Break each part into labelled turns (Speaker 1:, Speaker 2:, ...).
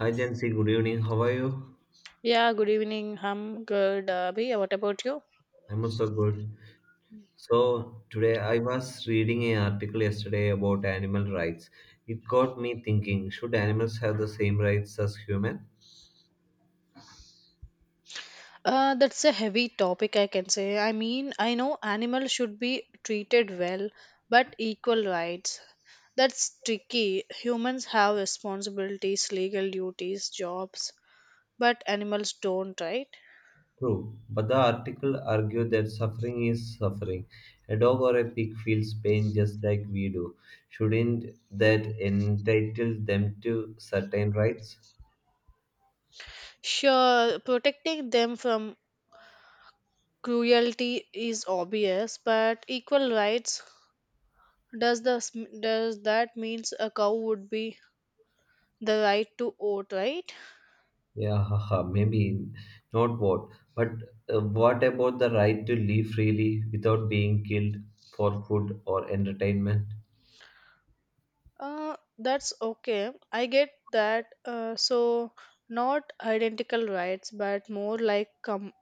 Speaker 1: Hi Jancy, good evening. How are you?
Speaker 2: Yeah, good evening. I'm good. Abhi, what about you?
Speaker 1: I'm also good. So today I was reading an article yesterday about animal rights. It got me thinking, should animals have the same rights as human?
Speaker 2: That's a heavy topic, I can say. I mean, I know animals should be treated well, but equal rights. That's tricky. Humans have responsibilities, legal duties, jobs, but animals don't, right?
Speaker 1: True, but the article argued that suffering is suffering. A dog or a pig feels pain just like we do. Shouldn't that entitle them to certain rights?
Speaker 2: Sure, protecting them from cruelty is obvious, but equal rights does the does that means a cow would be the right to vote, right?
Speaker 1: Yeah, haha, maybe not what, but what about the right to live freely without being killed for food or entertainment?
Speaker 2: That's okay. I get that. Not identical rights, but more like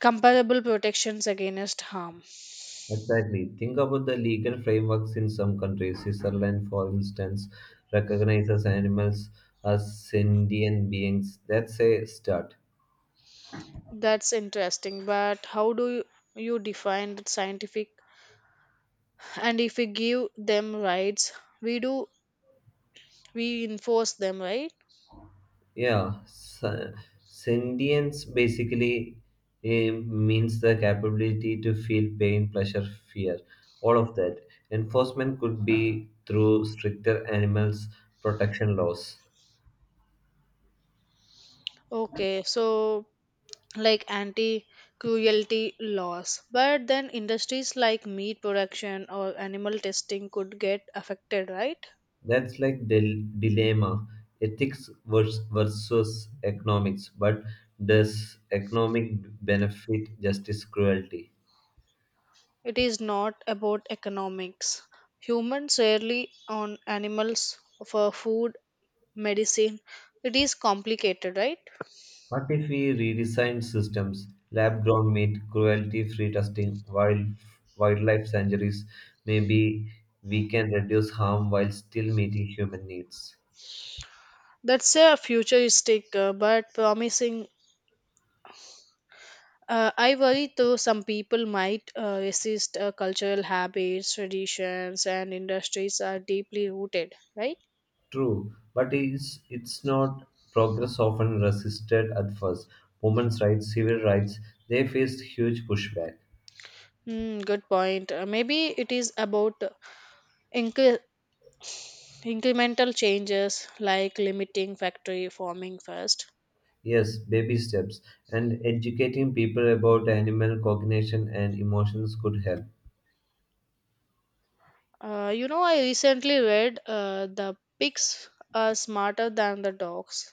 Speaker 2: comparable protections against harm.
Speaker 1: Exactly. Think about the legal frameworks in some countries. Switzerland, for instance, recognizes animals as sentient beings. That's a start.
Speaker 2: That's interesting. But you define that scientific? And if we give them rights, we do we enforce them, right?
Speaker 1: Yeah, sentience basically means the capability to feel pain, pleasure, fear, all of that. Enforcement could be through stricter animals protection laws.
Speaker 2: Okay. So, like anti cruelty laws, but then industries like meat production or animal testing could get affected, right?
Speaker 1: That's like the dilemma, ethics versus economics. But does economic benefit justice cruelty?
Speaker 2: It is not about economics. Humans rarely on animals for food, medicine. It is complicated, right?
Speaker 1: What if we redesign systems, lab grown meat, cruelty free testing, wildlife sanctuaries? Maybe we can reduce harm while still meeting human needs.
Speaker 2: That's a futuristic, but promising. I worry though, some people might resist, cultural habits, traditions, and industries are deeply rooted, right?
Speaker 1: True, but it's not progress often resisted at first. Women's rights, civil rights, they faced huge pushback.
Speaker 2: Hmm, good point. Maybe it is about, incre- incremental changes like limiting factory farming first.
Speaker 1: Yes, baby steps, and educating people about animal cognition and emotions could help.
Speaker 2: I recently read, the pigs are smarter than the dogs.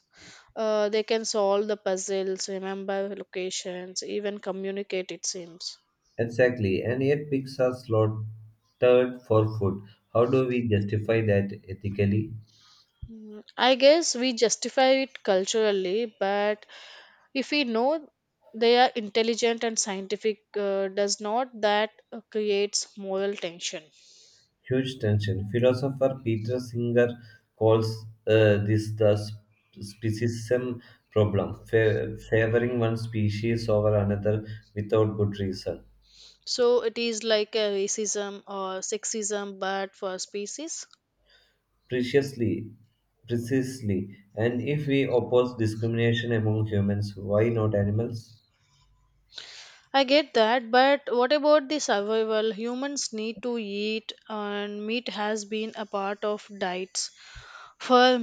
Speaker 2: They can solve the puzzles, remember locations, even communicate, it seems.
Speaker 1: Exactly, and yet pigs are slaughtered for food. How do we justify that ethically?
Speaker 2: Mm, I guess we justify it culturally, but if we know they are intelligent and scientific, does not that creates moral tension?
Speaker 1: Huge tension. Philosopher Peter Singer calls this the speciesism problem, favoring one species over another without good reason.
Speaker 2: So it is like a racism or sexism, but for species.
Speaker 1: Preciously, Precisely, and if we oppose discrimination among humans, why not animals?
Speaker 2: I get that, but what about the survival? Humans need to eat, and meat has been a part of diets for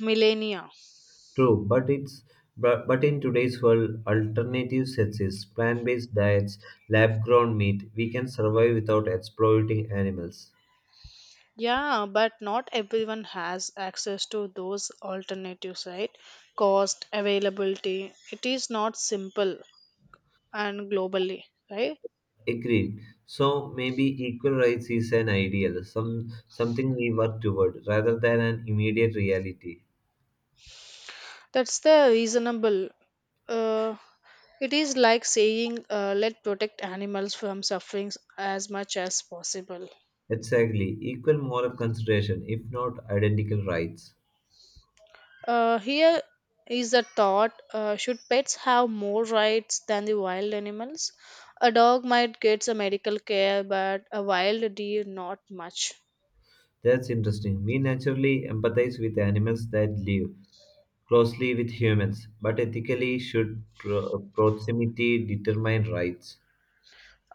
Speaker 2: millennia.
Speaker 1: True, but in today's world, alternatives exist. Plant-based diets, lab-grown meat, we can survive without exploiting animals.
Speaker 2: Yeah, but not everyone has access to those alternatives, right? Cost, availability. It is not simple and globally, right?
Speaker 1: Agreed. So maybe equal rights is an ideal, something we work toward rather than an immediate reality.
Speaker 2: That's the reasonable. Uh, it is like saying, let protect animals from suffering as much as possible.
Speaker 1: Exactly. Equal moral consideration, if not identical rights.
Speaker 2: Here is a thought, should pets have more rights than the wild animals? A dog might get some medical care, but a wild deer, not much.
Speaker 1: That's interesting. We naturally empathize with animals that live closely with humans, but ethically should proximity determine rights?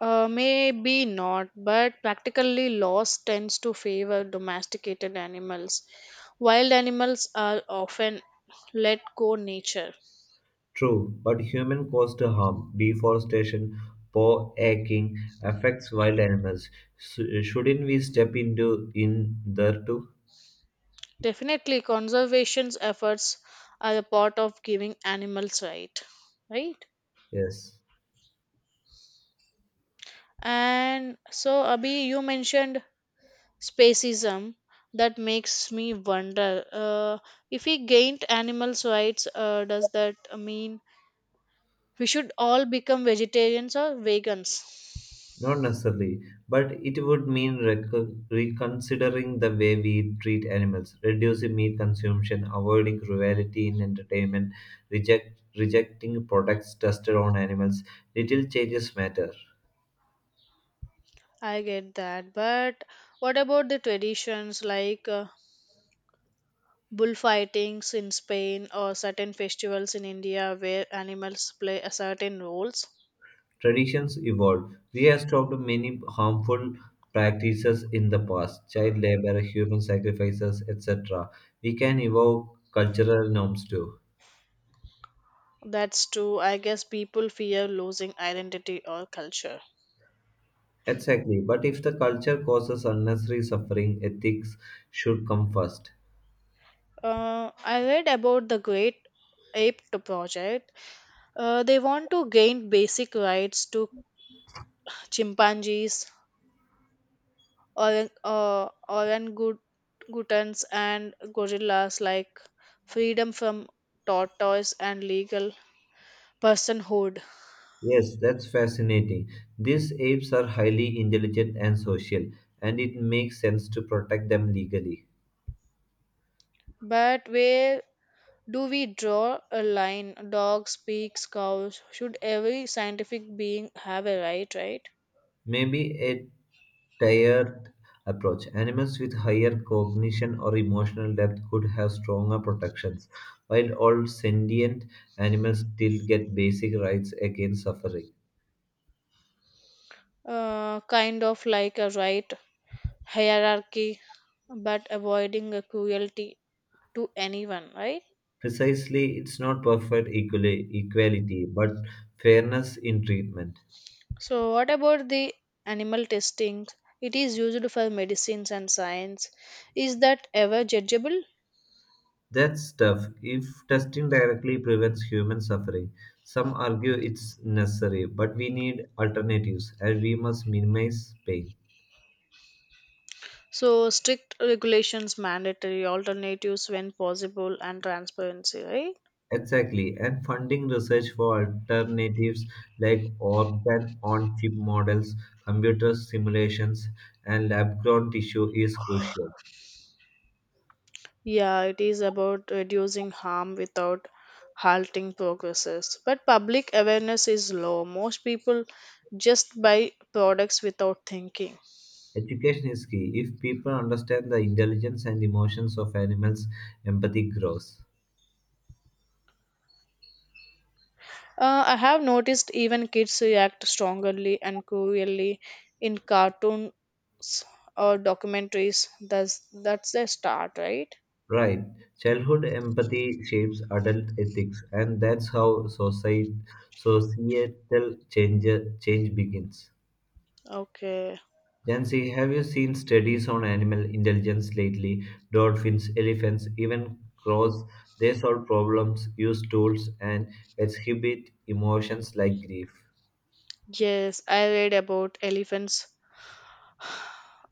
Speaker 2: Maybe not, but practically laws tends to favor domesticated animals. Wild animals are often let go nature.
Speaker 1: True, but human caused harm, deforestation, poor hacking affects wild animals. Shouldn't we step into in there too?
Speaker 2: Definitely, conservation efforts are a part of giving animals right, right?
Speaker 1: Yes.
Speaker 2: And so, Abhi, you mentioned spacism, that makes me wonder, if we gained animals rights, does that mean we should all become vegetarians or vegans?
Speaker 1: Not necessarily, but it would mean reconsidering the way we treat animals, reducing meat consumption, avoiding cruelty in entertainment, rejecting products tested on animals. Little changes matter.
Speaker 2: I get that, but what about the traditions like, bullfightings in Spain or certain festivals in India where animals play a certain roles?
Speaker 1: Traditions evolve. We have stopped many harmful practices in the past child labor, human sacrifices, etc. We can evoke cultural norms too.
Speaker 2: That's true. I guess people fear losing identity or culture.
Speaker 1: Exactly. But if the culture causes unnecessary suffering, ethics should come first.
Speaker 2: I read about the Great Ape Project. They want to gain basic rights to chimpanzees, orangutans, and gorillas, like freedom from tortoise and legal personhood.
Speaker 1: Yes, that's fascinating. These apes are highly intelligent and social, and it makes sense to protect them legally.
Speaker 2: But where do we draw a line? Dogs, pigs, cows. Should every scientific being have a right, right?
Speaker 1: Maybe a tiered approach. Animals with higher cognition or emotional depth could have stronger protections, while all sentient animals still get basic rights against suffering.
Speaker 2: Kind of like a right hierarchy but avoiding a cruelty to anyone, right?
Speaker 1: Precisely, it's not perfect equality, but fairness in treatment.
Speaker 2: So, what about the animal testing? It is used for medicines and science. Is that ever judgeable?
Speaker 1: That's tough. If testing directly prevents human suffering, some argue it's necessary, but we need alternatives and we must minimize pain.
Speaker 2: So, strict regulations, mandatory alternatives when possible, and transparency, right?
Speaker 1: Exactly, and funding research for alternatives like organ on chip models, computer simulations, and lab grown tissue is crucial.
Speaker 2: Yeah, it is about reducing harm without halting progresses. But public awareness is low. Most people just buy products without thinking.
Speaker 1: Education is key. If people understand the intelligence and emotions of animals, empathy grows.
Speaker 2: I have noticed even kids react strongly and cruelly in cartoons or documentaries. That's their start, right?
Speaker 1: Right. Childhood empathy shapes adult ethics, and that's how societal change begins.
Speaker 2: Okay.
Speaker 1: Jancy, have you seen studies on animal intelligence lately? Dolphins, elephants, even crows, they solve problems, use tools, and exhibit emotions like grief.
Speaker 2: Yes, I read about elephants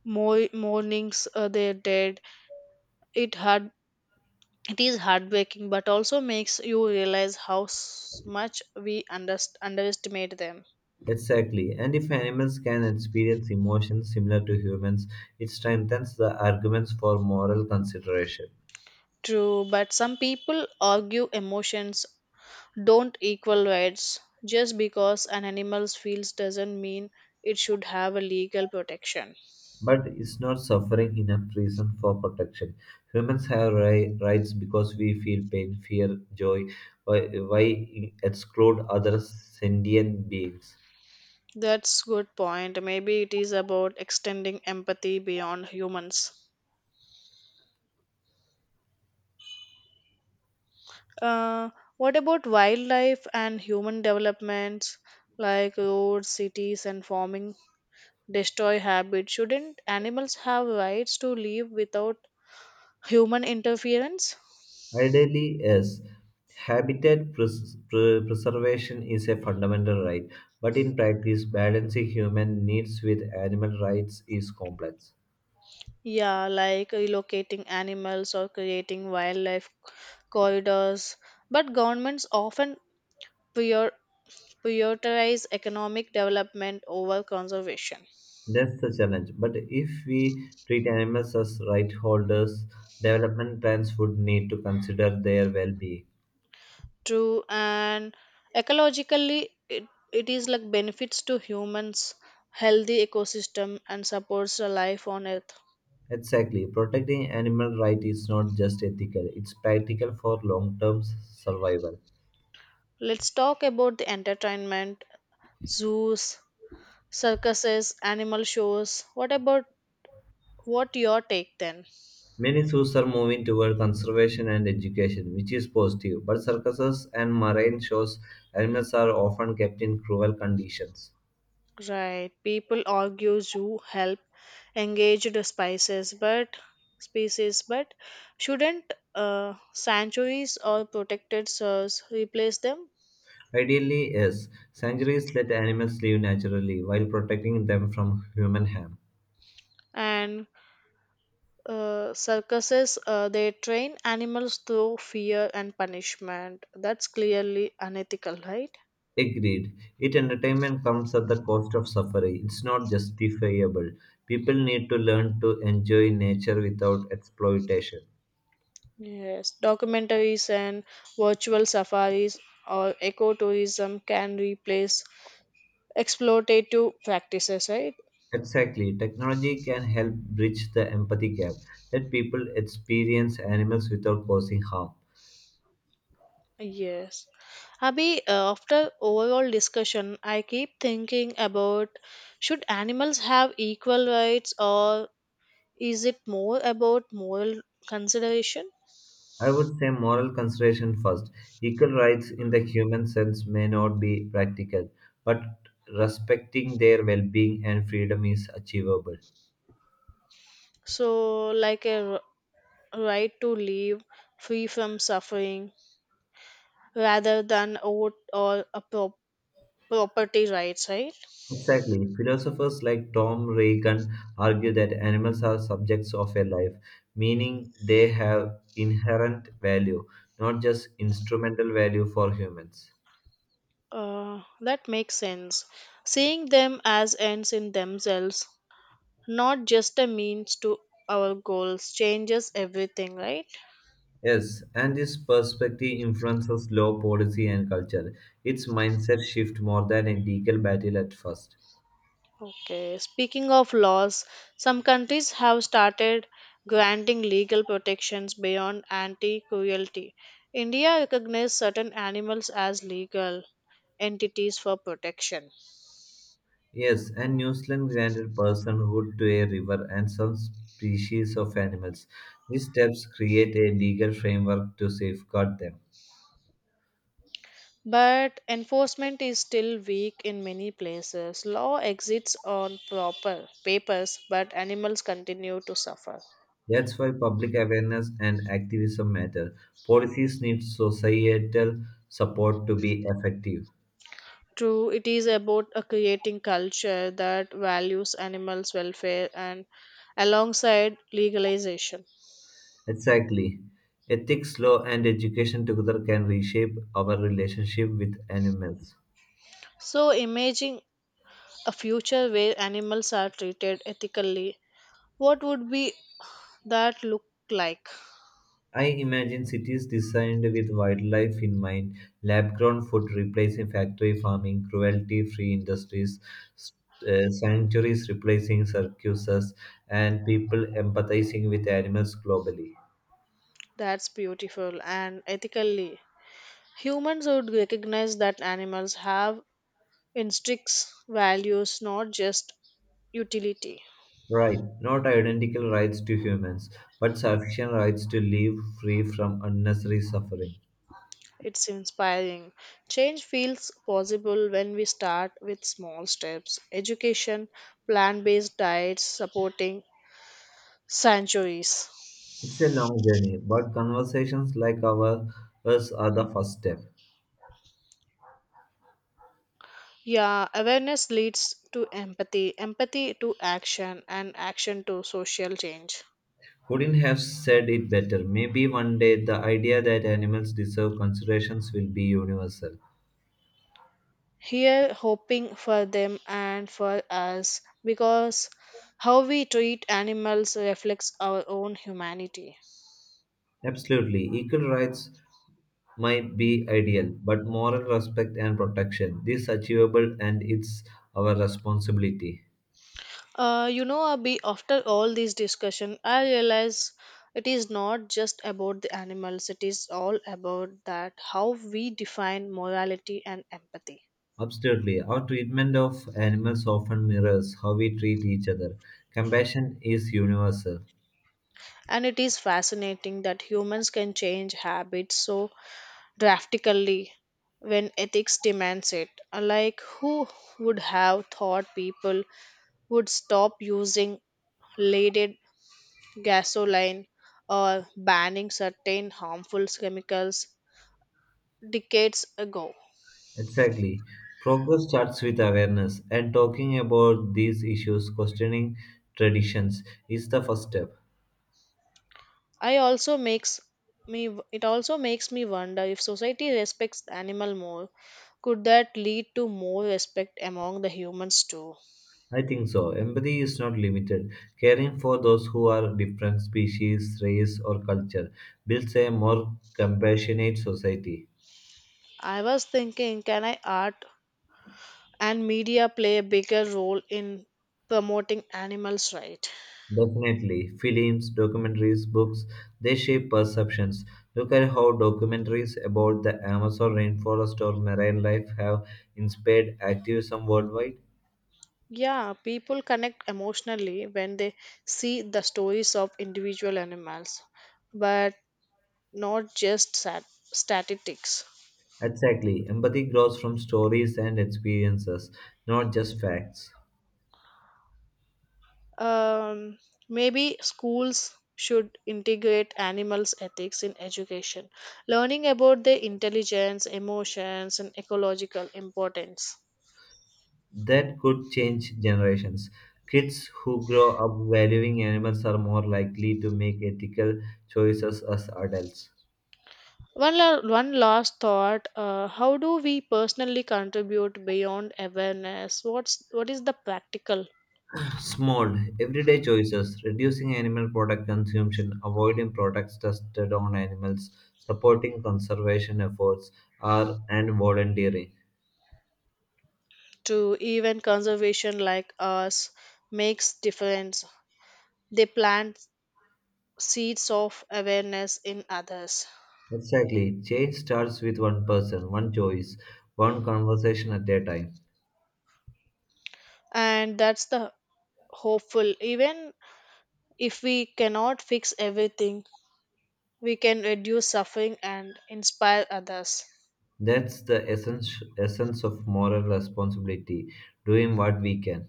Speaker 2: more mornings, they're dead. It hard it is heartbreaking, but also makes you realize how much we underestimate them.
Speaker 1: Exactly. And if animals can experience emotions similar to humans, it strengthens the arguments for moral consideration.
Speaker 2: True, but some people argue emotions don't equal rights. Just because an animal feels doesn't mean it should have a legal protection.
Speaker 1: But is not suffering enough reason for protection? Humans have rights because we feel pain, fear, joy. Why, why exclude other sentient beings?
Speaker 2: That's good point. Maybe it is about extending empathy beyond humans. Uh, what about wildlife and human developments like roads, cities, and farming destroy habits? Shouldn't animals have rights to live without human interference?
Speaker 1: Ideally, yes. Habitat preservation is a fundamental right, but in practice, balancing human needs with animal rights is complex.
Speaker 2: Yeah, like relocating animals or creating wildlife corridors. But governments often prior- prioritize economic development over conservation.
Speaker 1: That's the challenge. But if we treat animals as right holders, development plans would need to consider their well being.
Speaker 2: True, and ecologically, it is like benefits to humans, healthy ecosystem, and supports the life on Earth.
Speaker 1: Exactly. Protecting animal rights is not just ethical, it's practical for long term survival.
Speaker 2: Let's talk about the entertainment, zoos, circuses, animal shows. What about what your take then?
Speaker 1: Many zoos are moving toward conservation and education, which is positive, but circuses and marine shows animals are often kept in cruel conditions.
Speaker 2: Right. People argue zoo help engaged spices, but species, but shouldn't, sanctuaries or protected zoos replace them?
Speaker 1: Ideally, yes, sanctuaries let animals live naturally while protecting them from human harm.
Speaker 2: And circuses, they train animals through fear and punishment. That's clearly unethical, right?
Speaker 1: Agreed. It entertainment comes at the cost of suffering. It's not justifiable. People need to learn to enjoy nature without exploitation.
Speaker 2: Yes. Documentaries and virtual safaris or ecotourism can replace exploitative practices, right?
Speaker 1: Exactly. Technology can help bridge the empathy gap. Let people experience animals without causing harm.
Speaker 2: Yes. Abhi, after overall discussion, I keep thinking about, should animals have equal rights or is it more about moral consideration?
Speaker 1: I would say moral consideration first. Equal rights in the human sense may not be practical, but respecting their well being and freedom is achievable.
Speaker 2: So, like right to live free from suffering rather than oath or a property rights, right?
Speaker 1: Exactly. Philosophers like Tom Reagan argue that animals are subjects of a life, meaning they have inherent value, not just instrumental value for humans.
Speaker 2: That makes sense. Seeing them as ends in themselves, not just a means to our goals, changes everything, right?
Speaker 1: Yes, and this perspective influences law, policy, and culture. Its mindset shift more than a legal battle at first.
Speaker 2: Okay, speaking of laws, some countries have started granting legal protections beyond anti cruelty. India recognizes certain animals as legal entities for protection,
Speaker 1: Yes, and New Zealand granted personhood to a river and some species of animals. These steps create a legal framework to safeguard them.
Speaker 2: but enforcement is still weak in many places. Law exists on proper papers, but animals continue to suffer.
Speaker 1: That's why public awareness and activism matter. Policies need societal support to be effective.
Speaker 2: True, it is about a creating culture that values animals' welfare and alongside legalization.
Speaker 1: Exactly. Ethics, law, and education together can reshape our relationship with animals.
Speaker 2: So, imagine a future where animals are treated ethically. What would be that look like?
Speaker 1: I imagine cities designed with wildlife in mind, lab grown food replacing factory farming, cruelty free industries, s- sanctuaries replacing circuses, and people empathizing with animals globally.
Speaker 2: That's beautiful and ethically. Humans would recognize that animals have instincts, values, not just utility.
Speaker 1: Right, not identical rights to humans, but sufficient rights to live free from unnecessary suffering.
Speaker 2: It's inspiring. Change feels possible when we start with small steps, education, plant based diets, supporting sanctuaries.
Speaker 1: It's a long journey, but conversations like ours are the first step.
Speaker 2: Yeah, awareness leads to empathy, empathy to action, and action to social change.
Speaker 1: Couldn't have said it better. Maybe one day the idea that animals deserve considerations will be universal.
Speaker 2: Here, hoping for them and for us, because how we treat animals reflects our own humanity.
Speaker 1: Absolutely, equal rights might be ideal, but moral respect and protection this achievable and it's our responsibility.
Speaker 2: Abhi, after all this discussion, I realize it is not just about the animals, it is all about that how we define morality and empathy.
Speaker 1: Absolutely. Our treatment of animals often mirrors how we treat each other. Compassion is universal.
Speaker 2: And it is fascinating that humans can change habits so drastically when ethics demands it. Like, who would have thought people would stop using leaded gasoline or banning certain harmful chemicals decades ago?
Speaker 1: Exactly. Progress starts with awareness, and talking about these issues, questioning traditions, is the first step.
Speaker 2: I also makes me It also makes me wonder, if society respects the animal more, could that lead to more respect among the humans too?
Speaker 1: I think so. Empathy is not limited. Caring for those who are different species, race, or culture builds a more compassionate society.
Speaker 2: I was thinking, can I art and media play a bigger role in promoting animals rights.
Speaker 1: Definitely. Films, documentaries, books, they shape perceptions. Look at how documentaries about the Amazon rainforest or marine life have inspired activism worldwide.
Speaker 2: Yeah, people connect emotionally when they see the stories of individual animals, but not just statistics.
Speaker 1: Exactly. Empathy grows from stories and experiences, not just facts.
Speaker 2: um, Maybe schools should integrate animals ethics in education, learning about their intelligence emotions and ecological importance.
Speaker 1: That could change generations. Kids who grow up valuing animals are more likely to make ethical choices as adults.
Speaker 2: One last thought: how do we personally contribute beyond awareness? What is the practical
Speaker 1: Small, everyday choices, reducing animal product consumption, avoiding products tested on animals, supporting conservation efforts, are and volunteering.
Speaker 2: to even conservation like us makes difference? They plant seeds of awareness in others,
Speaker 1: Exactly. Change starts with one person, one choice, one conversation at a time.
Speaker 2: and that's the hopeful. Even if we cannot fix everything, we can reduce suffering and inspire others.
Speaker 1: That's the essence of moral responsibility, doing what we can.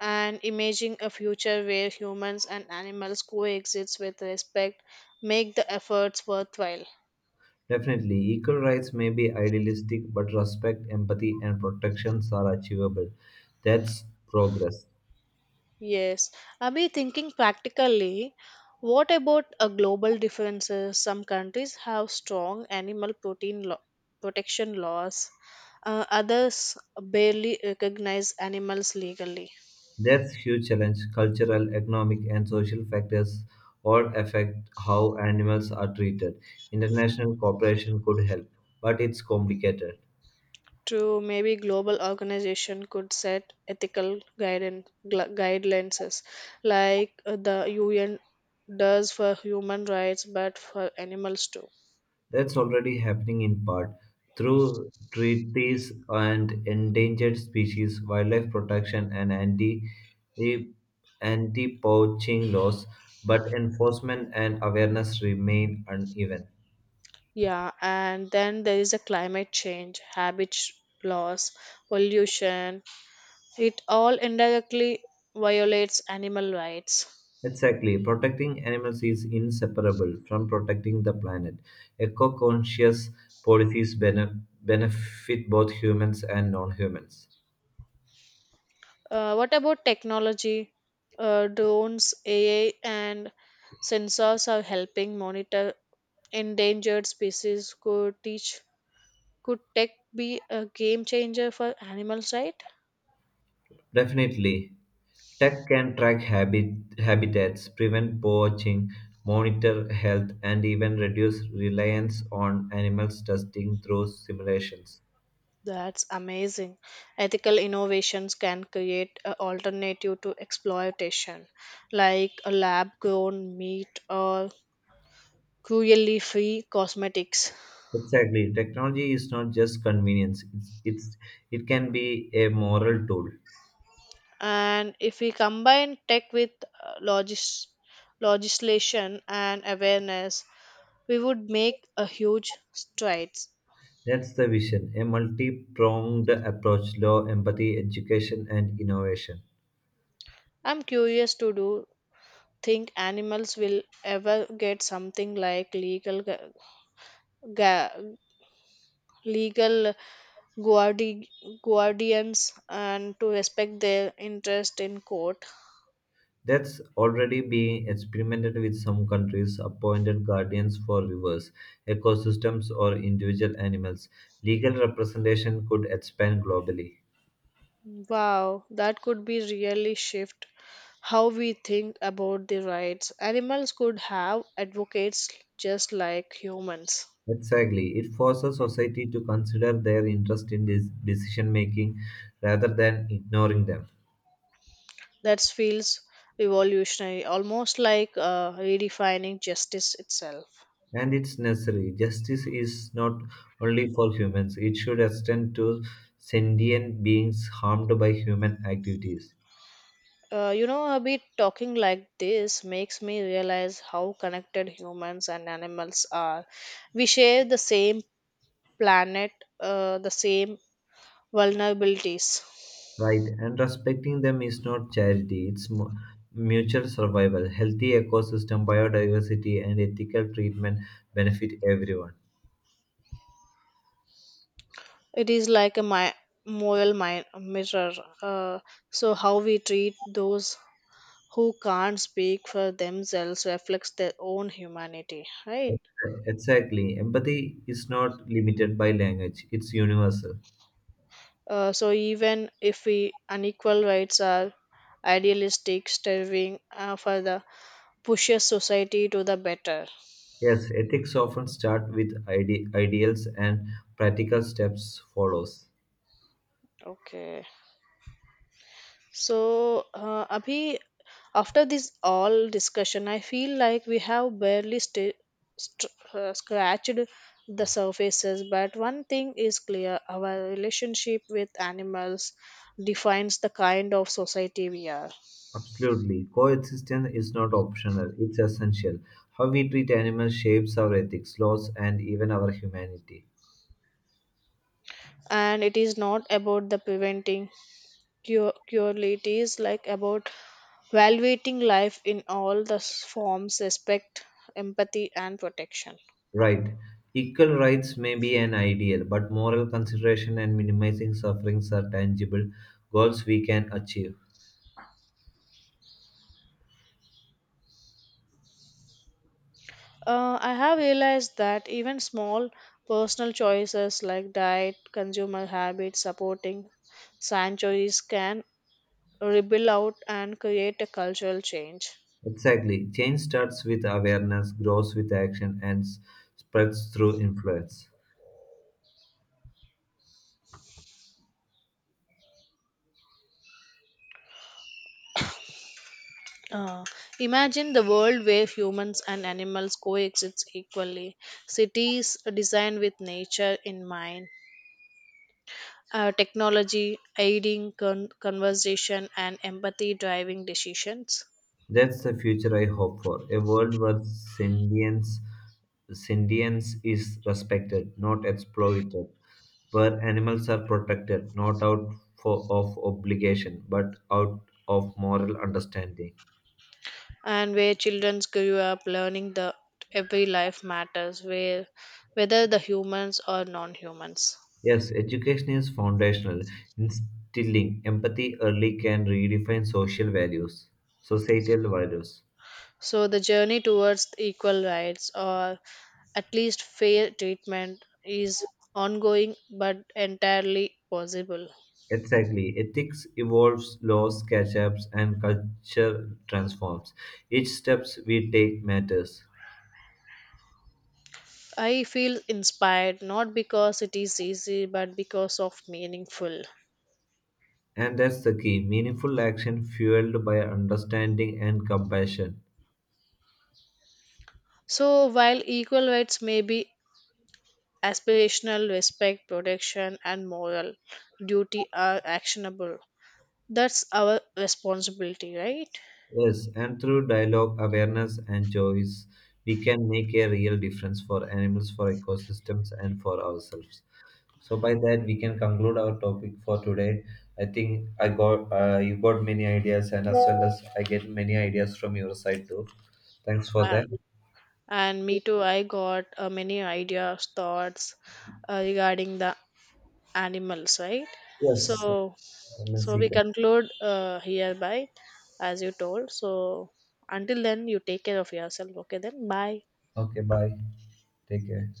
Speaker 2: And imagining a future where humans and animals coexist with respect make the efforts worthwhile.
Speaker 1: Definitely, equal rights may be idealistic, but respect, empathy, and protections are achievable. That's progress.
Speaker 2: Yes, Abhi, thinking practically, what about a global differences? Some countries have strong protection laws, others barely recognize animals legally.
Speaker 1: That's huge challenge. Cultural, economic, and social factors all affect how animals are treated. International cooperation could help, but it's complicated.
Speaker 2: True, maybe global organization could set ethical guidelines like, the UN does for human rights, but for animals too.
Speaker 1: That's already happening in part through treaties and endangered species, wildlife protection, and anti poaching laws, but enforcement and awareness remain uneven.
Speaker 2: Yeah, and then there is a climate change, loss, pollution. It all indirectly violates animal rights.
Speaker 1: Exactly. Protecting animals is inseparable from protecting the planet. Eco conscious policies benefit both humans and non humans.
Speaker 2: What about technology? Drones, AI, and sensors are helping monitor endangered species. Could tech be a game changer for animals, right?
Speaker 1: Definitely. Tech can track habitats, prevent poaching, monitor health, and even reduce reliance on animals testing through simulations.
Speaker 2: That's amazing. Ethical innovations can create an alternative to exploitation, like a lab grown meat or cruelty free cosmetics.
Speaker 1: Exactly. Technology is not just convenience, it can be a moral tool.
Speaker 2: And if we combine tech with, uh, logis- legislation and awareness, we would make a huge strides.
Speaker 1: That's the vision a multi pronged approach, law, empathy, education, and innovation.
Speaker 2: I'm curious to do think animals will ever get something like gu- legal guardi- guardians and to respect their interest in court?
Speaker 1: That's already being experimented with some countries, appointed guardians for rivers, ecosystems, or individual animals. Legal representation could expand globally.
Speaker 2: Wow, that could be really shift how we think about the rights. Animals could have advocates just like humans.
Speaker 1: Exactly. It forces society to consider their interest in this decision making rather than ignoring them.
Speaker 2: That feels revolutionary, almost like, redefining justice itself.
Speaker 1: And it's necessary. Justice is not only for humans, it should extend to sentient beings harmed by human activities.
Speaker 2: A bit talking like this makes me realize how connected humans and animals are. We share the same planet, the same vulnerabilities.
Speaker 1: Right, and respecting them is not charity, it's mutual survival. Healthy ecosystem, biodiversity, and ethical treatment benefit everyone.
Speaker 2: It is like a moral mirror. Uh, how we treat those who can't speak for themselves reflects their own humanity, right?
Speaker 1: Exactly. Empathy is not limited by language, it's universal.
Speaker 2: Even if we unequal rights are idealistic, striving for the pushes society to the better.
Speaker 1: Yes, ethics often start with ideals and practical steps follows.
Speaker 2: Okay, so, Abhi, after this all discussion I feel like we have barely scratched the surfaces, but one thing is clear, our relationship with animals defines the kind of society we are.
Speaker 1: Absolutely. Coexistence is not optional, it's essential. How we treat animals shapes our ethics, laws, and even our humanity.
Speaker 2: And it is not about the preventing cure purely, it is like about valuating life in all the forms, respect, empathy and protection.
Speaker 1: Right. Equal rights may be an ideal, but moral consideration and minimizing sufferings are tangible goals we can achieve.
Speaker 2: I have realized that even small personal choices like diet, consumer habits, supporting sanctuaries can ripple out and create a cultural change.
Speaker 1: Exactly. Change starts with awareness, grows with action, and spreads through influence.
Speaker 2: Uh, Imagine the world where humans and animals coexist equally, cities designed with nature in mind, technology aiding conversation and empathy driving decisions.
Speaker 1: That's the future I hope for a world where sentience is respected, not exploited where animals are protected not out for, of obligation but out of moral understanding.
Speaker 2: And where children grew up learning that every life matters, where whether the humans or non-humans.
Speaker 1: Yes, education is foundational. Instilling empathy early can redefine societal values.
Speaker 2: So the journey towards equal rights or at least fair treatment is ongoing but entirely possible.
Speaker 1: Exactly. Ethics evolves, laws catch up, and culture transforms. Each steps we take matters.
Speaker 2: I feel inspired, not because it is easy, but because of meaningful.
Speaker 1: And that's the key meaningful action fueled by understanding and compassion.
Speaker 2: So while equal rights may be aspirational, respect, protection and moral duty are actionable. That's our responsibility, right?
Speaker 1: Yes, and through dialogue, awareness, and choice, we can make a real difference for animals, for ecosystems, and for ourselves. So by that, we can conclude our topic for today. I think I got you got many ideas, and as well as I get many ideas from your side too. Thanks for
Speaker 2: Uh,
Speaker 1: that.
Speaker 2: and me too, I got many ideas, thoughts regarding the animals, right?
Speaker 1: Yes.
Speaker 2: So,
Speaker 1: Let's
Speaker 2: so
Speaker 1: see.
Speaker 2: we conclude hereby, as you told. So, until then, you take care of yourself. Okay, then, bye.
Speaker 1: Okay. Bye. Take care.